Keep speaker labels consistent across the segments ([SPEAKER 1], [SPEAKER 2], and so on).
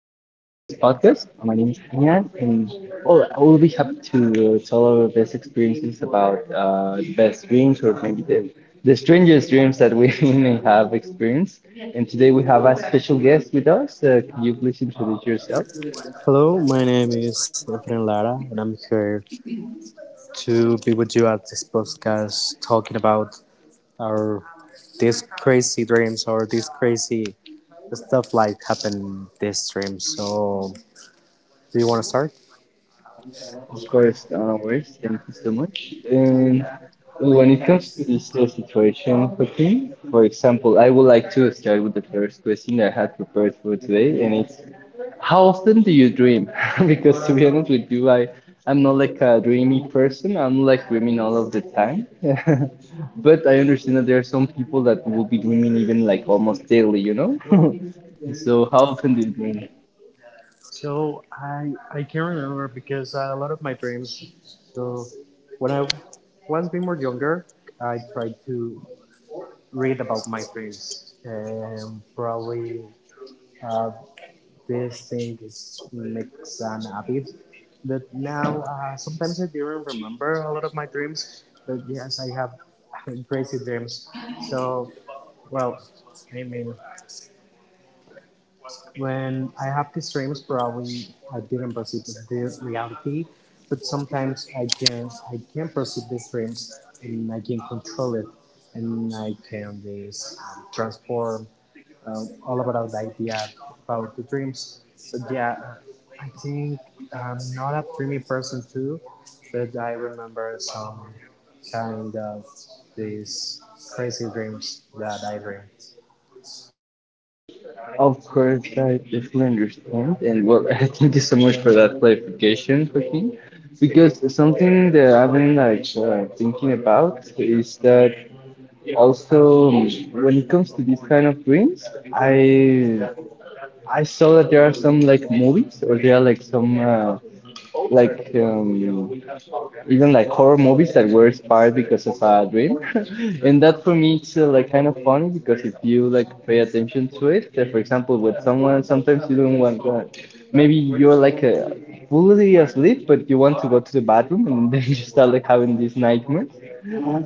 [SPEAKER 1] podcast. My name is Ian, and well, I will be happy to tell our best experiences about the best dreams or maybe the strangest dreams that we may have experienced. And today we have a special guest with us. Can you please introduce yourself?
[SPEAKER 2] Hello, my name is Efren Lara, and I'm here to be with you at this podcast talking about our these crazy dreams or these crazy stuff like happen these dreams. So, do you want to start?
[SPEAKER 1] Of course, no worries. Thank you so much. And when it comes to this situation, Joaquin, for example, I would like to start with the first question I had prepared for today, and it's how often do you dream? Because to be honest with you, I'm not like a dreamy person. I'm like dreaming all of the time. But I understand that there are some people that will be dreaming even like almost daily, you know? So how often do you dream?
[SPEAKER 2] So I can remember because a lot of my dreams. So when I was being more younger, I tried to read about my dreams. Probably uh, they think it's mix and Abib. But now, sometimes I don't remember a lot of my dreams. But yes, I have crazy dreams. So, well, I mean, when I have these dreams, probably I didn't perceive the reality. But sometimes I can perceive these dreams and I can control it and I can this transform all about the idea about the dreams. So yeah, I think I'm not a dreamy person too, but I remember some kind of these crazy dreams that I dream.
[SPEAKER 1] Of course, I definitely understand. And well, I thank you so much for that clarification, Joaquin. Because something that I've been like thinking about is that also when it comes to these kind of dreams, I I saw that there are some like movies or there are like some like even like horror movies that were inspired because of a dream. And that for me it's like kind of funny because if you like pay attention to it, for example, with someone sometimes you don't want to, maybe you're like fully asleep but you want to go to the bathroom and then you start like having these nightmares.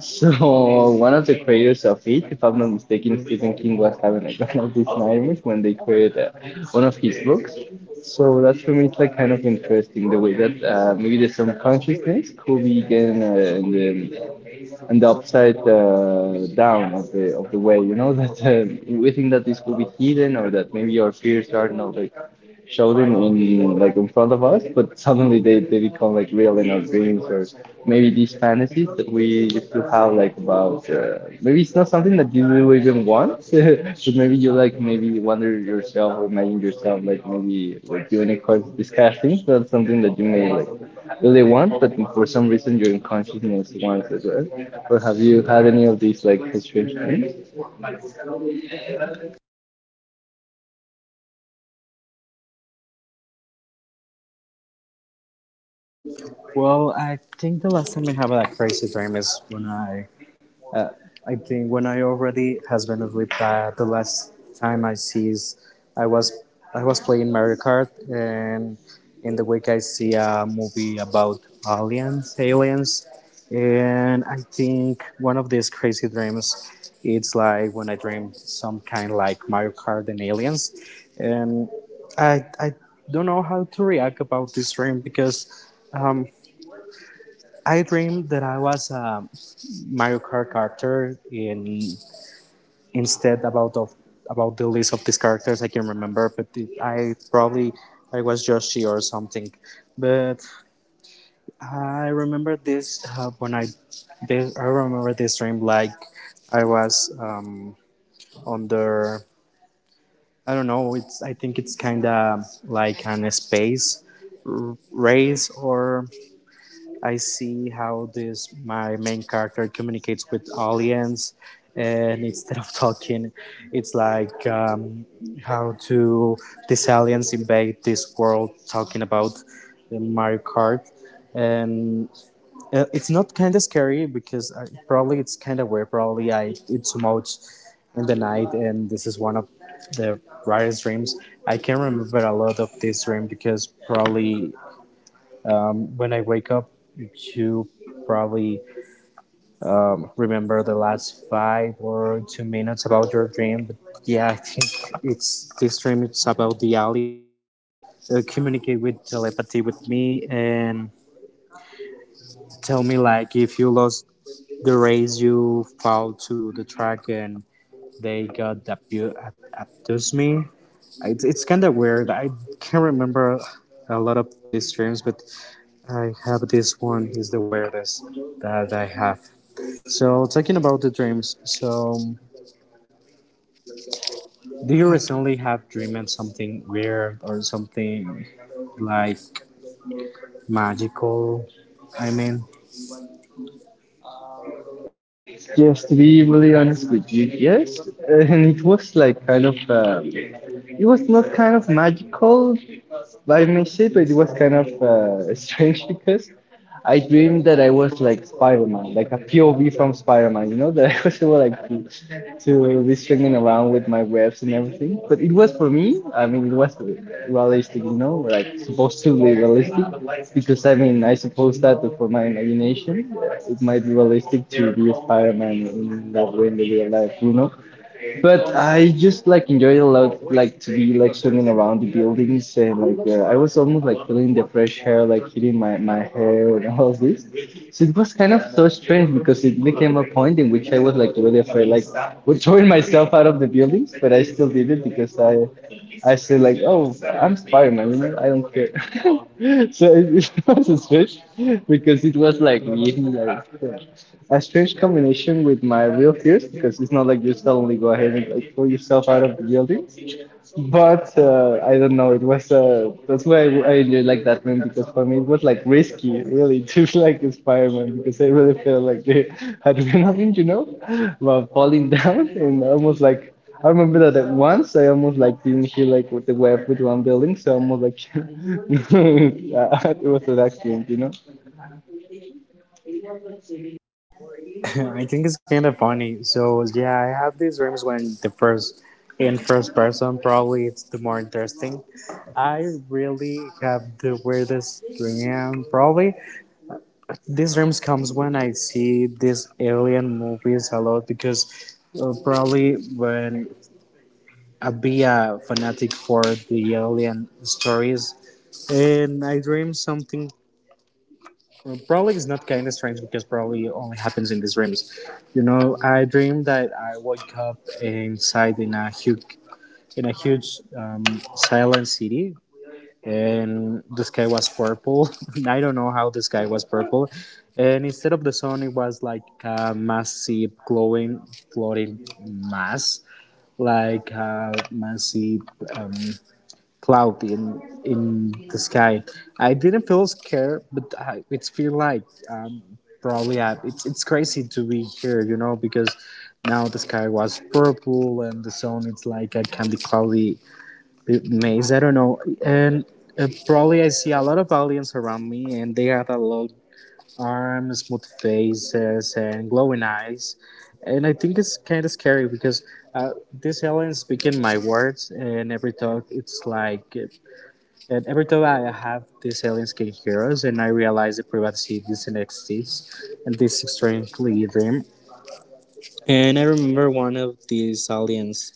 [SPEAKER 1] So one of the creators of it, if I'm not mistaken, Stephen King was having like one of these nightmares when they created one of his books. So that's for me it's like kind of interesting the way that maybe the subconsciousness could be again in the and the upside down of the way. You know that we think that this could be hidden or that maybe our fears are not like show them in like in front of us, but suddenly they become like real in our dreams or maybe these fantasies that we used to have like about maybe it's not something that you do even want, but maybe you like maybe wonder yourself or imagine yourself like maybe like unicorns, these kind of things. That's something that you may like really want, but for some reason your unconsciousness wants it, right? Or have you had any of these like strange dreams?
[SPEAKER 2] Well, I think the last time I have a crazy dream is when Uh, I think when I already has been asleep, the last time I sees, I was I was playing Mario Kart, and in the week I see a movie about aliens, and I think one of these crazy dreams, it's like when I dream some kind like Mario Kart and aliens, and I don't know how to react about this dream because um, I dreamed that I was. Mario Kart character in instead about of about the list of these characters I can remember, but I probably I was Yoshi or something. But I remember this I remember this dream like I was on the I don't know it's I think it's kind of like an space race or I see how this my main character communicates with aliens, and instead of talking, it's like how to these aliens invade this world, talking about the Mario Kart, and it's not kind of scary because probably it's kind of weird. Probably I eat too much in the night, and this is one of the rarest dreams. I can remember a lot of this dream because probably when I wake up to probably remember the last five or two minutes about your dream. But yeah, I think it's this dream. It's about the aliens communicate with telepathy with me and tell me like if you lost the race, you fall to the track and they got abduce me. It's kind of weird. I can't remember a lot of these dreams, but I have this one is the weirdest that I have. So talking about the dreams, so do you recently have dreamed something weird or something like magical? I mean,
[SPEAKER 1] Just to be really honest with you, yes. And it was like kind of, it was not kind of magical by myself, but it was kind of strange because I dreamed that I was like Spider-Man, like a POV from Spider-Man, you know, that I was able like to be swinging around with my webs and everything. But it was for me, I mean, it was realistic, you know, like supposed to be realistic, because I mean, I suppose that for my imagination, it might be realistic to be a Spider-Man in that way in the real life, you know. But I just like enjoyed a lot, like to be like swimming around the buildings and like I was almost like feeling the fresh air like hitting my hair and all this. So it was kind of so strange because it became a point in which I was like really afraid, like would throwing myself out of the buildings, but I still did it because I said like, oh, I'm Spider-Man, you know, I don't care. So it was strange because it was like really like a strange combination with my real fears because it's not like you suddenly go ahead and like pull yourself out of the building. But I don't know. It was that's why I enjoyed like that man because for me it was like risky, really, just like the Spider-Man because I really felt like the adrenaline, you know, about falling down and almost like I remember that at once I almost like didn't hit like with the web with one building, so I almost like it was an accident, you know.
[SPEAKER 2] I think it's kind of funny. So yeah, I have these dreams when the first in first person probably it's the more interesting. I really have the weirdest dream probably. These dreams comes when I see these alien movies a lot because probably when a be a fanatic for the alien stories, and I dream something. Well, probably it's not kind of strange because probably it only happens in these dreams. You know, I dream that I wake up inside in a huge silent city, and the sky was purple. And I don't know how the sky was purple, and instead of the sun, it was like a massive glowing floating mass, like a massive. Um, Cloud in the sky. I didn't feel scared, but it's feel like um, probably it's crazy to be here, you know, because now the sky was purple and the sun it's like a candy cloudy maze. I don't know, and probably I see a lot of aliens around me, and they have a lot arms, smooth faces, and glowing eyes. And I think it's kind of scary because these aliens speak in my words, and every talk it's like and every time I have these alien skin heroes, and I realize that privacy doesn't exist in this strangely dream. And I remember one of these aliens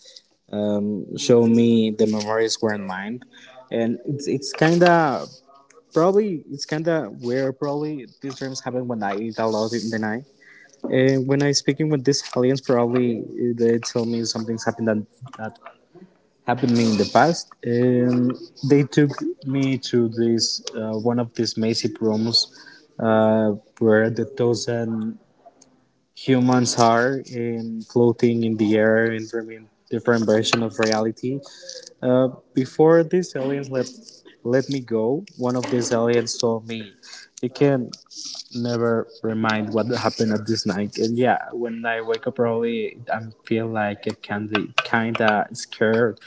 [SPEAKER 2] showed me the memories were in mind, and it's kind of probably it's kind of weird. Probably these dreams happen when I eat a lot in the night, and when I speaking with these aliens, probably they tell me something's happened that happened to me in the past. They took me to this one of these massive rooms uh, where the thousand humans are in floating in the air in different version of reality. Uh, before these aliens let me go, one of these aliens told me, "You can never remind what happened at this night." And yeah, when I wake up early, I feel like I can be kinda scared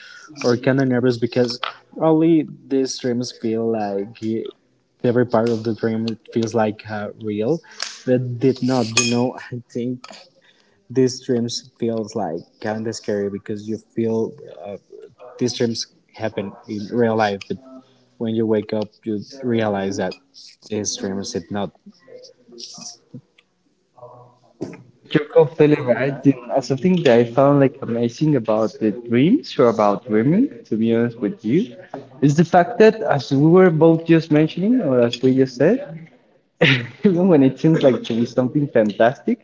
[SPEAKER 2] or kinda nervous because probably these dreams feel like every part of the dream feels like real, but did not. You know, I think these dreams feels like kinda scary because you feel uh, these dreams happen in real life, but when you wake up, you realize that these dreams did not.
[SPEAKER 1] Jacob Televergin, and something that I found like amazing about the dreams or about women, to be honest with you, is the fact that as we were both just mentioning or as we just said, even when it seems like to be something fantastic,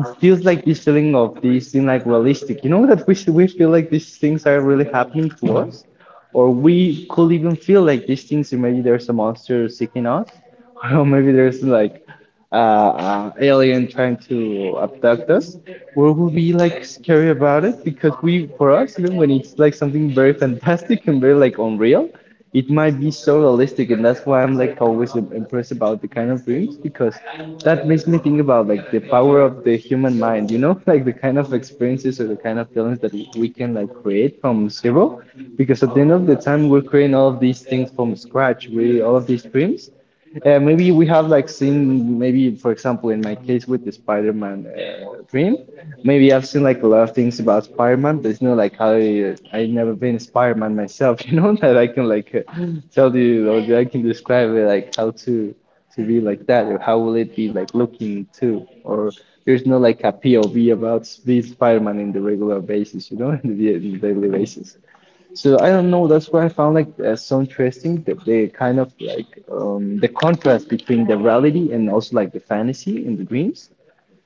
[SPEAKER 1] it feels like this feeling of this thing like realistic. You know that we feel like these things are really happening to us, or we could even feel like these things. Maybe there's a monster seeking us, or maybe there's like alien trying to abduct us. We will be like scary about it because we, for us, even when it's like something very fantastic and very like unreal, it might be so realistic and that's why I'm like always impressed about the kind of dreams because that makes me think about like the power of the human mind, you know. Like the kind of experiences or the kind of feelings that we can like create from zero, because at the end of the time we're creating all of these things from scratch, we all of these dreams, maybe we have like seen, maybe for example in my case with the Spider-Man dream, maybe I've seen like a lot of things about Spider-Man, but it's not like I never been Spider-Man myself, you know, that I can like tell you or that I can describe it like how to be like that or how will it be like looking too or there's no like a POV about being Spider-Man in the regular basis, you know, in in the daily basis. So I don't know. That's why I found like so interesting that they kind of like the contrast between the reality and also like the fantasy and the dreams.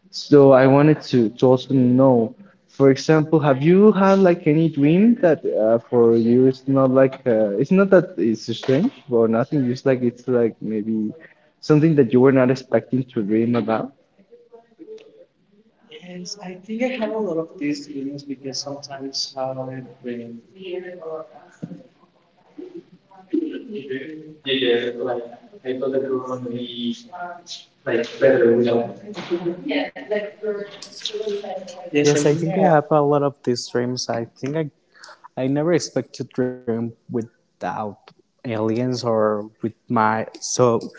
[SPEAKER 1] So I wanted to also know, for example, have you had like any dream that for you it's not like it's not that it's strange or nothing. Just like it's like maybe something that you were not expecting to dream about.
[SPEAKER 2] Yes, I think I have a lot of these dreams. I never expect to dream without aliens or with my. So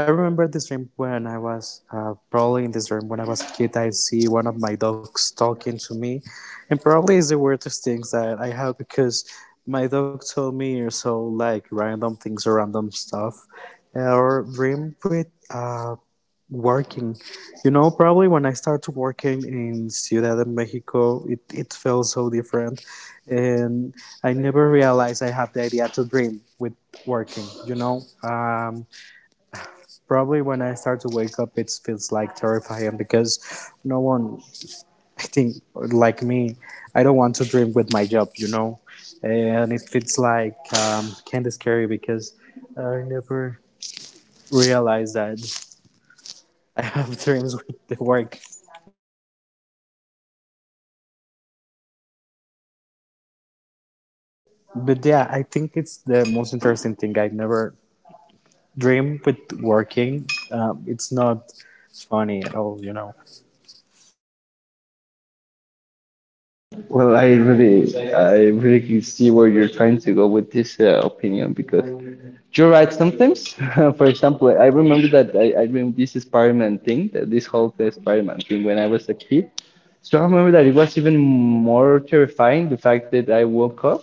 [SPEAKER 2] I remember this dream when I was probably in this dream when I was a kid. I see one of my dogs talking to me, and probably is the weirdest things that I have because my dog told me so like random things or random stuff, or dream with. Working, you know, probably when I started working in Ciudad de Mexico, it felt so different. And I never realized I have the idea to dream with working, you know. Probably when I start to wake up, it feels like terrifying because no one, I think, like me, I don't want to dream with my job, you know. And it feels like kind of scary because I never realized that I have dreams with the work. But yeah, I think it's the most interesting thing. I never dream with working. It's not funny at all, you know.
[SPEAKER 1] Well, I really can see where you're trying to go with this opinion because. You're right. Sometimes, for example, I remember that I remember this Spider-Man thing, that this whole Spider-Man thing when I was a kid. So I remember that it was even more terrifying the fact that I woke up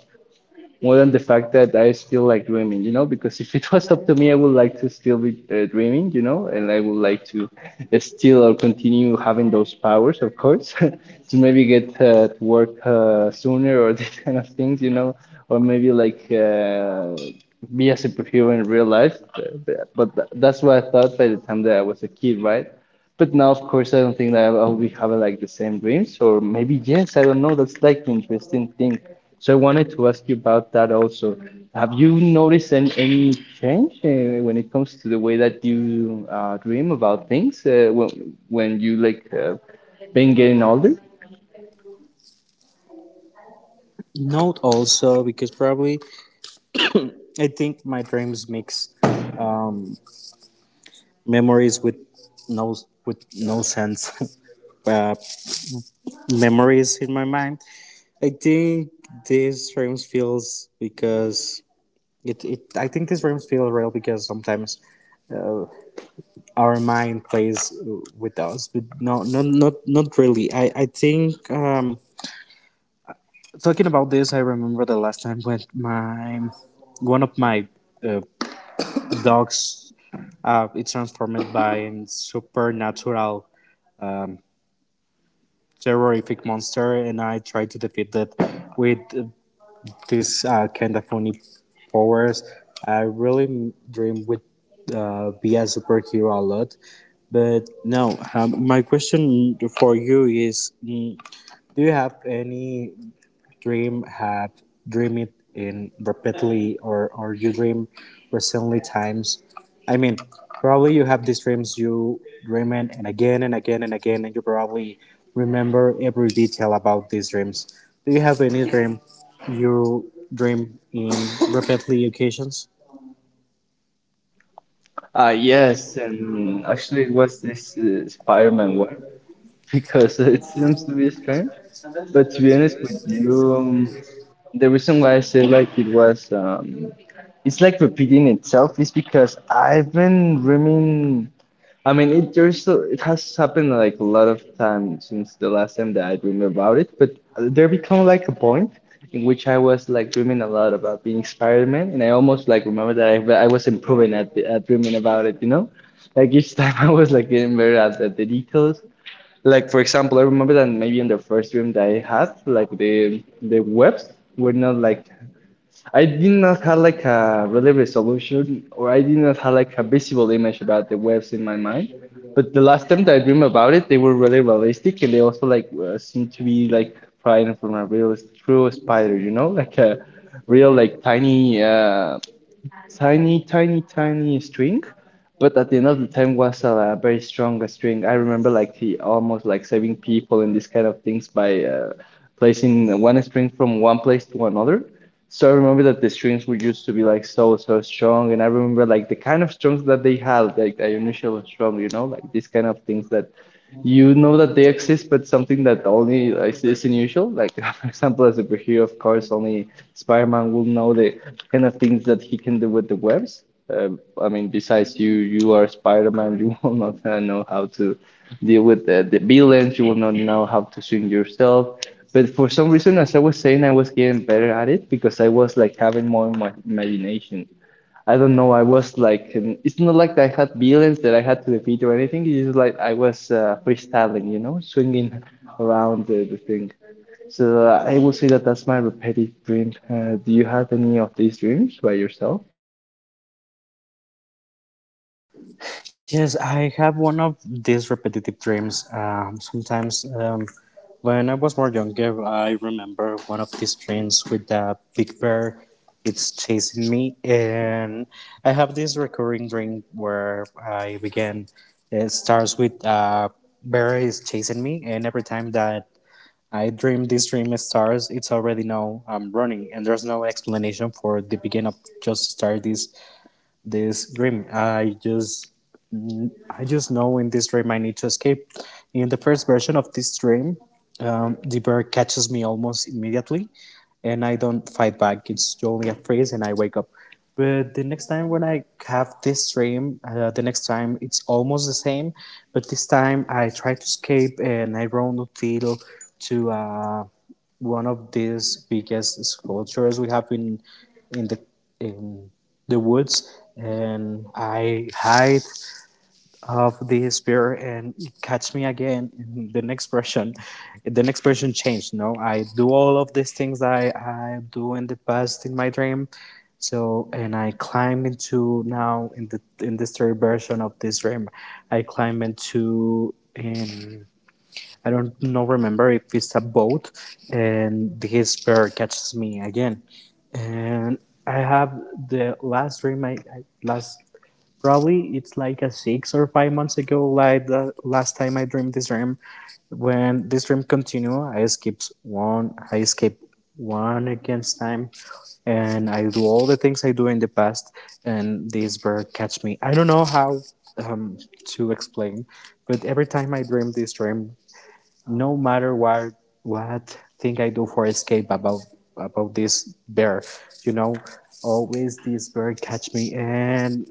[SPEAKER 1] more than the fact that I still like dreaming, you know, because if it was up to me, I would like to still be dreaming, you know, and I would like to still or continue having those powers, of course, to maybe get to work sooner or these kind of things, you know, or maybe like. Be a superhero in real life. Uh, yeah, but that's what I thought by the time that I was a kid, right? But now, of course, I don't think that I'll be having like the same dreams, or maybe yes, I don't know. That's like the interesting thing. So I wanted to ask you about that also. Have you noticed any change when it comes to the way that you dream about things when you like been getting older?
[SPEAKER 2] Note also because probably I think my dreams mix memories with no with no sense uh, memories in my mind. I think these dreams feels because it I think these dreams feel real because sometimes our mind plays with us, but no, not really. I think. Talking about this, I remember the last time when my one of my uh, dogs it transformed by a supernatural terrorific monster, and I tried to defeat that with this kind of funny powers. I really dream with be a superhero a lot, but no. My question for you is: do you have any dream have dream it in repeatedly or you dream recently times, I mean, probably you have these dreams you dream it and again and again and again, and you probably remember every detail about these dreams. Do you have any dream you dream in repeatedly occasions?
[SPEAKER 1] Yes, and actually it was this Spider-Man one. Because it seems to be strange. But to be honest with you, the reason why I say like it it's like repeating itself is because I've been dreaming. I mean, it there's it has happened like a lot of times since the last time that I dreamed about it. But there become like a point in which I was like dreaming a lot about being Spider-Man, and I almost like remember that I was improving at, at dreaming about it. You know, like each time I was like getting better at the details. Like for example, I remember that maybe in the first dream that I had, like the webs were not like I did not have like a really resolution or I did not have like a visible image about the webs in my mind. But the last time that I dreamed about it, they were really realistic and they also like seemed to be like flying from a real true spider, you know, like a real like tiny tiny, tiny, tiny string, but at the end of the time was a, very strong string. I remember like he almost like saving people and these kind of things by placing one string from one place to another. So I remember that the strings were used to be like so, so strong, and I remember like the kind of strings that they had, like the initial strong, you know, like these kind of things that you know that they exist, but something that only exists in usual. Like, for example, as a superhero, of course, only Spider-Man will know the kind of things that he can do with the webs. I mean, besides you are Spider-Man. You will not know how to deal with the villains. You will not know how to swing yourself. But for some reason, as I was saying, I was getting better at it because I was like having more my imagination. I don't know. I was like, it's not like I had villains that I had to defeat or anything. It's just like I was freestyling, you know, swinging around the thing. So I would say that that's my repetitive dream. Do you have any of these dreams by yourself?
[SPEAKER 2] Yes, I have one of these repetitive dreams. Sometimes when I was more younger, I remember one of these dreams with a big bear. It's chasing me, and I have this recurring dream where I begin. It starts with bear is chasing me, and every time that I dream this dream it starts, it's already now I'm running, and there's no explanation for the beginning of just start this dream. I just know in this dream I need to escape. In the first version of this dream, the bear catches me almost immediately, and I don't fight back. It's only a phrase, and I wake up. But the next time when I have this dream, the next time it's almost the same. But this time I try to escape, and I run until to one of these biggest sculptures we have in the in the woods, and I hide of the spirit and catch me again. In the next version, the next version changed. No, I do all of these things that I do in the past in my dream, so and I climb into now in the in this third version of this dream, I climb into in I don't know remember if it's a boat, and the spirit catches me again, and I have the last I last probably it's like a six or five months ago, like the last time I dreamed this dream. When this dream continue, I skip one against time, and I do all the things I do in the past, and this bird catch me. I don't know how um, to explain, but every time I dream this dream, no matter what thing I do for escape about this bear, you know, always this bird catch me, and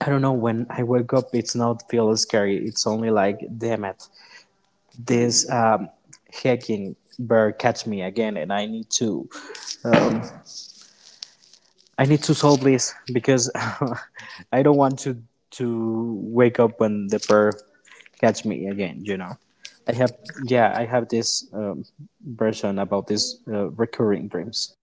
[SPEAKER 2] I don't know. When I wake up, it's not feel scary. It's only like, damn it, this hacking bird catch me again, and I need I need to solve this because I don't want to wake up when the bird catch me again. You know, I have yeah, I have this version about this recurring dreams.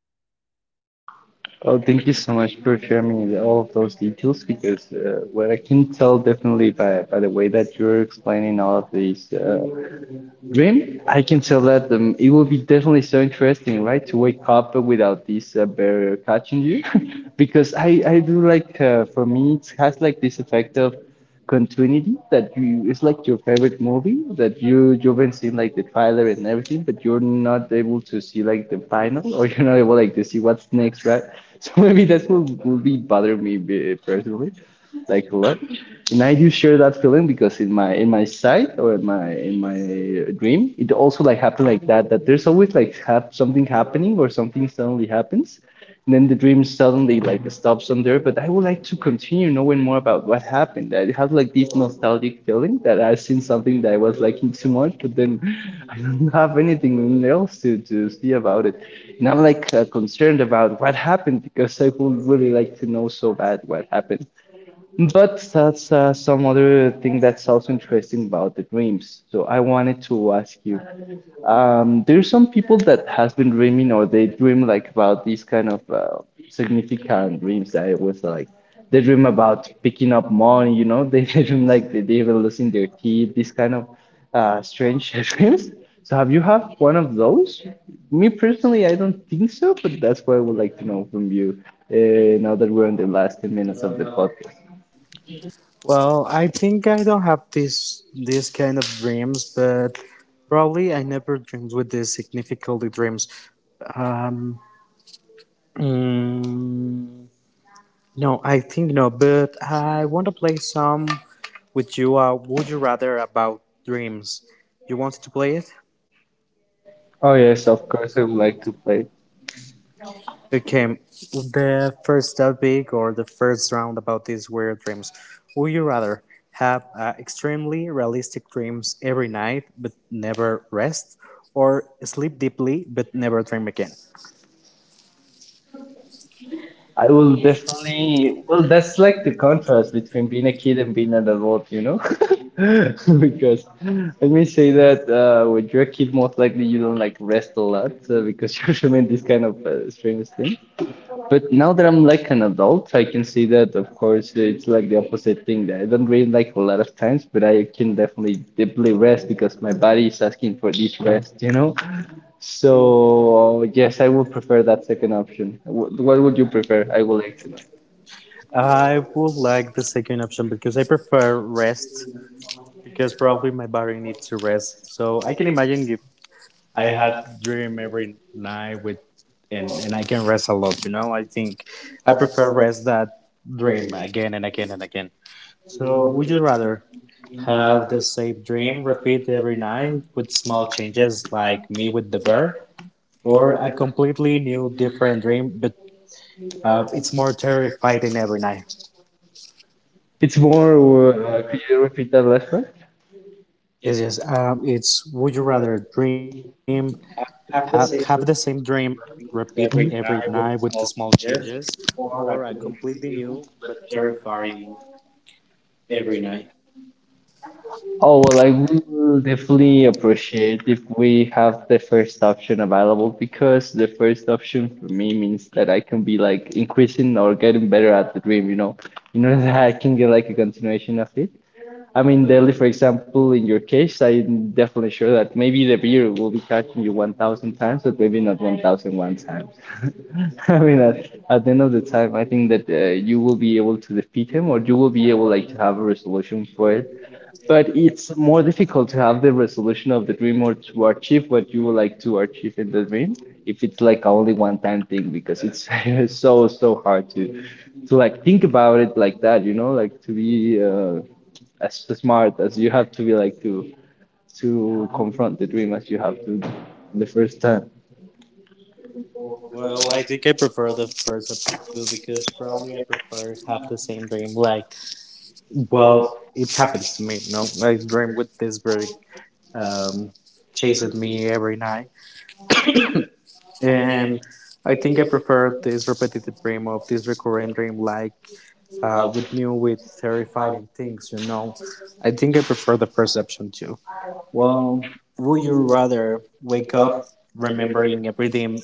[SPEAKER 1] Oh, thank you so much for sharing all of those details because what I can tell definitely by the way that you're explaining all of these dream, I can tell that it will be definitely so interesting, right? To wake up without this barrier catching you, because I do like for me it has like this effect of continuity that you it's like your favorite movie that you've been seeing like the trailer and everything, but you're not able to see like the final or you're not able like to see what's next, right? So maybe that's what will be bothering me personally, like a lot and I do share that feeling because in my sight or in my dream, it also like happened like that. That there's always like something happening or something suddenly happens, and then the dream suddenly like stops on there. But I would like to continue knowing more about what happened. I have like this nostalgic feeling that I've seen something that I was liking too much, but then I don't have anything else to see about it, and I'm like concerned about what happened because I would really like to know so bad what happened. But that's some other thing that's also interesting about the dreams. So I wanted to ask you, there's some people that has been dreaming or they dream like about these kind of significant dreams that it was like they dream about picking up money, you know, they dream like they were losing their teeth, these kind of strange dreams. So have you have one of those? Me personally, I don't think so, but that's what I would like to know from you now that we're in the last 10 minutes of the podcast.
[SPEAKER 2] Well, I think I don't have this kind of dreams, but probably I never dreamed with this significantly dreams. Um, mm, no, I think no, but I want to play some with you. Would you rather about dreams? You wanted to play it?
[SPEAKER 1] Oh yes, of course I would like to play.
[SPEAKER 2] Okay, the first topic or the first round about these weird dreams. Would you rather have extremely realistic dreams every night but never rest, or sleep deeply but never dream again?
[SPEAKER 1] I will definitely. Well, that's like the contrast between being a kid and being an adult, you know. Because let me say that when you're a kid, most likely you don't like rest a lot because you're doing this kind of strange things. But now that I'm like an adult, I can see that, of course, it's like the opposite thing that I don't read like a lot of times, but I can definitely deeply rest because my body is asking for this rest, you know? So, yes, I would prefer that second option. What would you prefer? I would like to know.
[SPEAKER 2] I would like the second option because I prefer rest because probably my body needs to rest. So I can imagine if I had dream every night with and I can rest a lot, you know. I think I prefer rest that dream again and again and again. So, would you rather have the same dream repeat every night with small changes, like me with the bear, or a completely new, different dream, but it's more terrifying every night?
[SPEAKER 1] It's more, could you repeat that last one?
[SPEAKER 2] Yes, yes. It's would you rather dream have the same dream repeat every night with the small changes, or a completely new but terrifying every night?
[SPEAKER 1] Oh, well, I will definitely appreciate if we have the first option available because the first option for me means that I can be like increasing or getting better at the dream, you know, in order that I can get like a continuation of it. I mean, Delhi, for example, in your case, I'm definitely sure that maybe the beer will be catching you 1,000 times, but maybe not 1,001 times. I mean, at the end of the time, I think that you will be able to defeat him or you will be able like to have a resolution for it, but it's more difficult to have the resolution of the dream or to achieve what you would like to achieve in the dream if it's like only one time thing because it's so so hard to like think about it like that, you know, like to be as smart as you have to be like to confront the dream as you have to the first time.
[SPEAKER 2] Well, I think I prefer the first option too because probably I prefer have the same dream like. Well, it happens to me. No, I dream with this bird um, chasing me every night, and I think I prefer this repetitive dream of this recurring dream, like with new, with terrifying things. You know, I think I prefer the perception too. Well, would you rather wake up remembering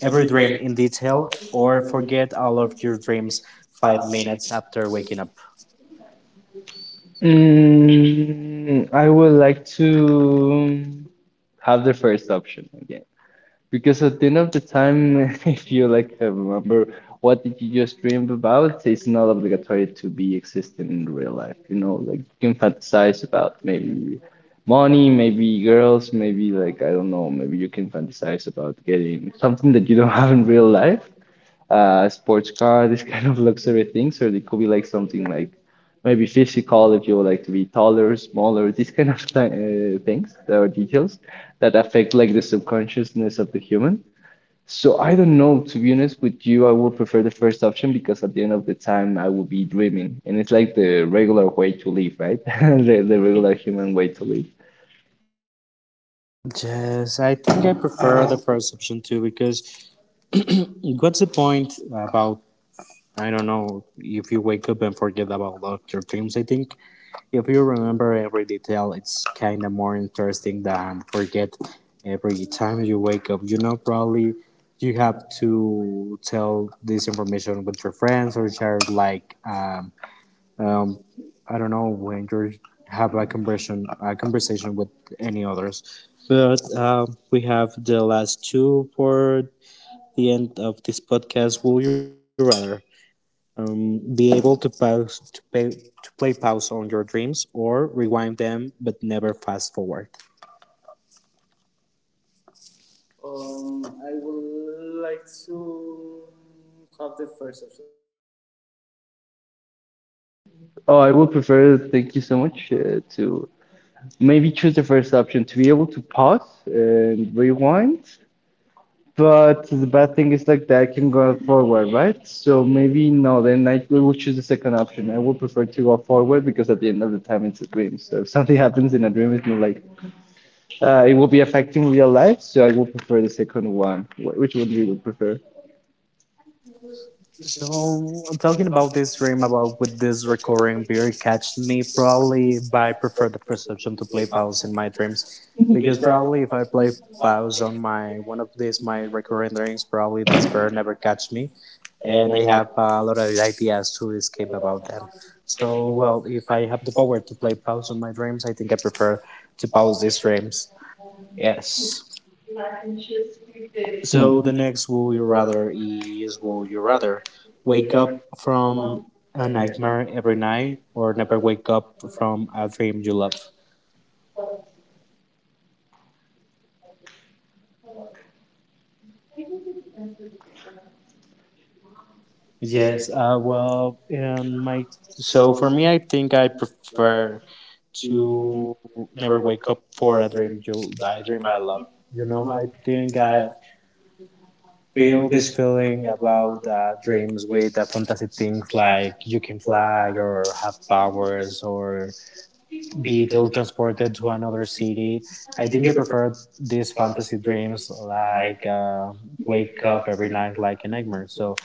[SPEAKER 2] every dream in detail, or forget all of your dreams 5 minutes after waking up?
[SPEAKER 1] Mm, I would like to have the first option again. Because at the end of the time, if you like remember what did you just dream about, it's not obligatory to be existing in real life. You know, like you can fantasize about maybe money, maybe girls, maybe like I don't know, maybe you can fantasize about getting something that you don't have in real life, sports car, this kind of luxury things, or it could be like something like maybe physical if you would like to be taller, smaller, these kind of th things that are details that affect like the subconsciousness of the human. So I don't know, to be honest with you, I would prefer the first option because at the end of the time I would be dreaming, and it's like the regular way to live, right? The regular human way to live.
[SPEAKER 2] Yes, I think I prefer the perception too because what's the point about, I don't know, if you wake up and forget about all your dreams. I think if you remember every detail, it's kind of more interesting than forget every time you wake up. You know, probably you have to tell this information with your friends or share like. Um, I don't know when you have a conversation with any others, but we have the last two for the end of this podcast. Will you rather be able to pause to pay to play pause on your dreams or rewind them but never fast forward?
[SPEAKER 1] Oh, I would prefer, thank you so much, to maybe choose the first option to be able to pause and rewind. But the bad thing is like that can go forward, right? So maybe no, then I will choose the second option. I would prefer to go forward because at the end of the time it's a dream. So if something happens in a dream, it's not like it will be affecting real life. So I would prefer the second one. Which one do you would prefer?
[SPEAKER 2] So I'm talking about this dream about with this recurring beer catch me probably by prefer the first option to play pause in my dreams because probably if I play pause on my one of these my recurring dreams probably this bear never catch me, and I have a lot of ideas to escape about them. So well, if I have the power to play pause on my dreams, I think I prefer to pause these dreams. Yes. So the next would you rather is would you rather wake up from a nightmare every night or never wake up from a dream you love? Yes, well, in my so for me, I think I prefer to never wake up for a dream I love. You know, I think I feel this feeling about dreams with fantasy things like you can fly or have powers or be teletransported to another city. I think I prefer these fantasy dreams, like wake up every night like a nightmare. So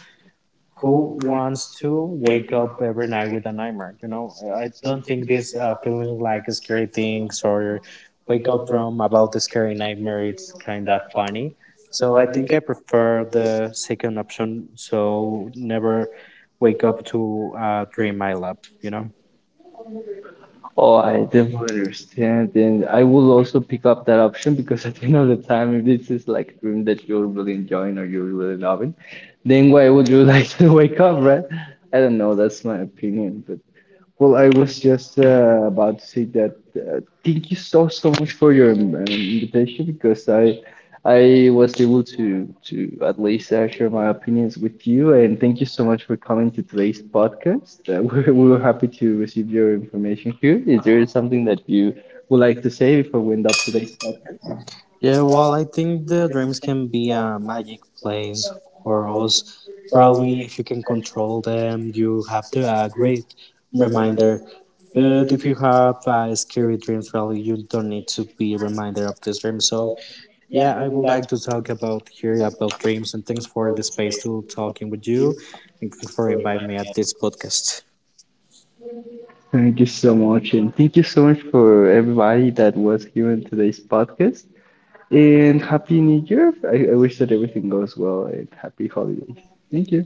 [SPEAKER 2] who wants to wake up every night with a nightmare? You know, I don't think this feeling like scary things or wake up from about the scary nightmare. It's kind of funny. So I think I prefer the second option. So never wake up to a dream I love. You know.
[SPEAKER 1] Oh, I don't understand. And I will also pick up that option because at the end of the time, if this is like a dream that you're really enjoying or you're really loving, then why would you like to wake up, right? I don't know. That's my opinion, but well, I was just about to say that thank you so so much for your invitation because I was able to at least share my opinions with you and thank you so much for coming to today's podcast. We were happy to receive your information here. Is there something that you would like to say before we end up today's podcast?
[SPEAKER 2] Yeah, well, I think the dreams can be a magic place for us. Probably, if you can control them, you have the a great reminder. But if you have scary dreams, probably you don't need to be a reminder of this dream. So, yeah, I would like to talk about here about dreams, and thanks for the space to talking with you, and thanks for inviting me at this podcast.
[SPEAKER 1] Thank you so much, and thank you so much for everybody that was here in today's podcast. And Happy New Year! I wish that everything goes well and happy holidays. Thank you.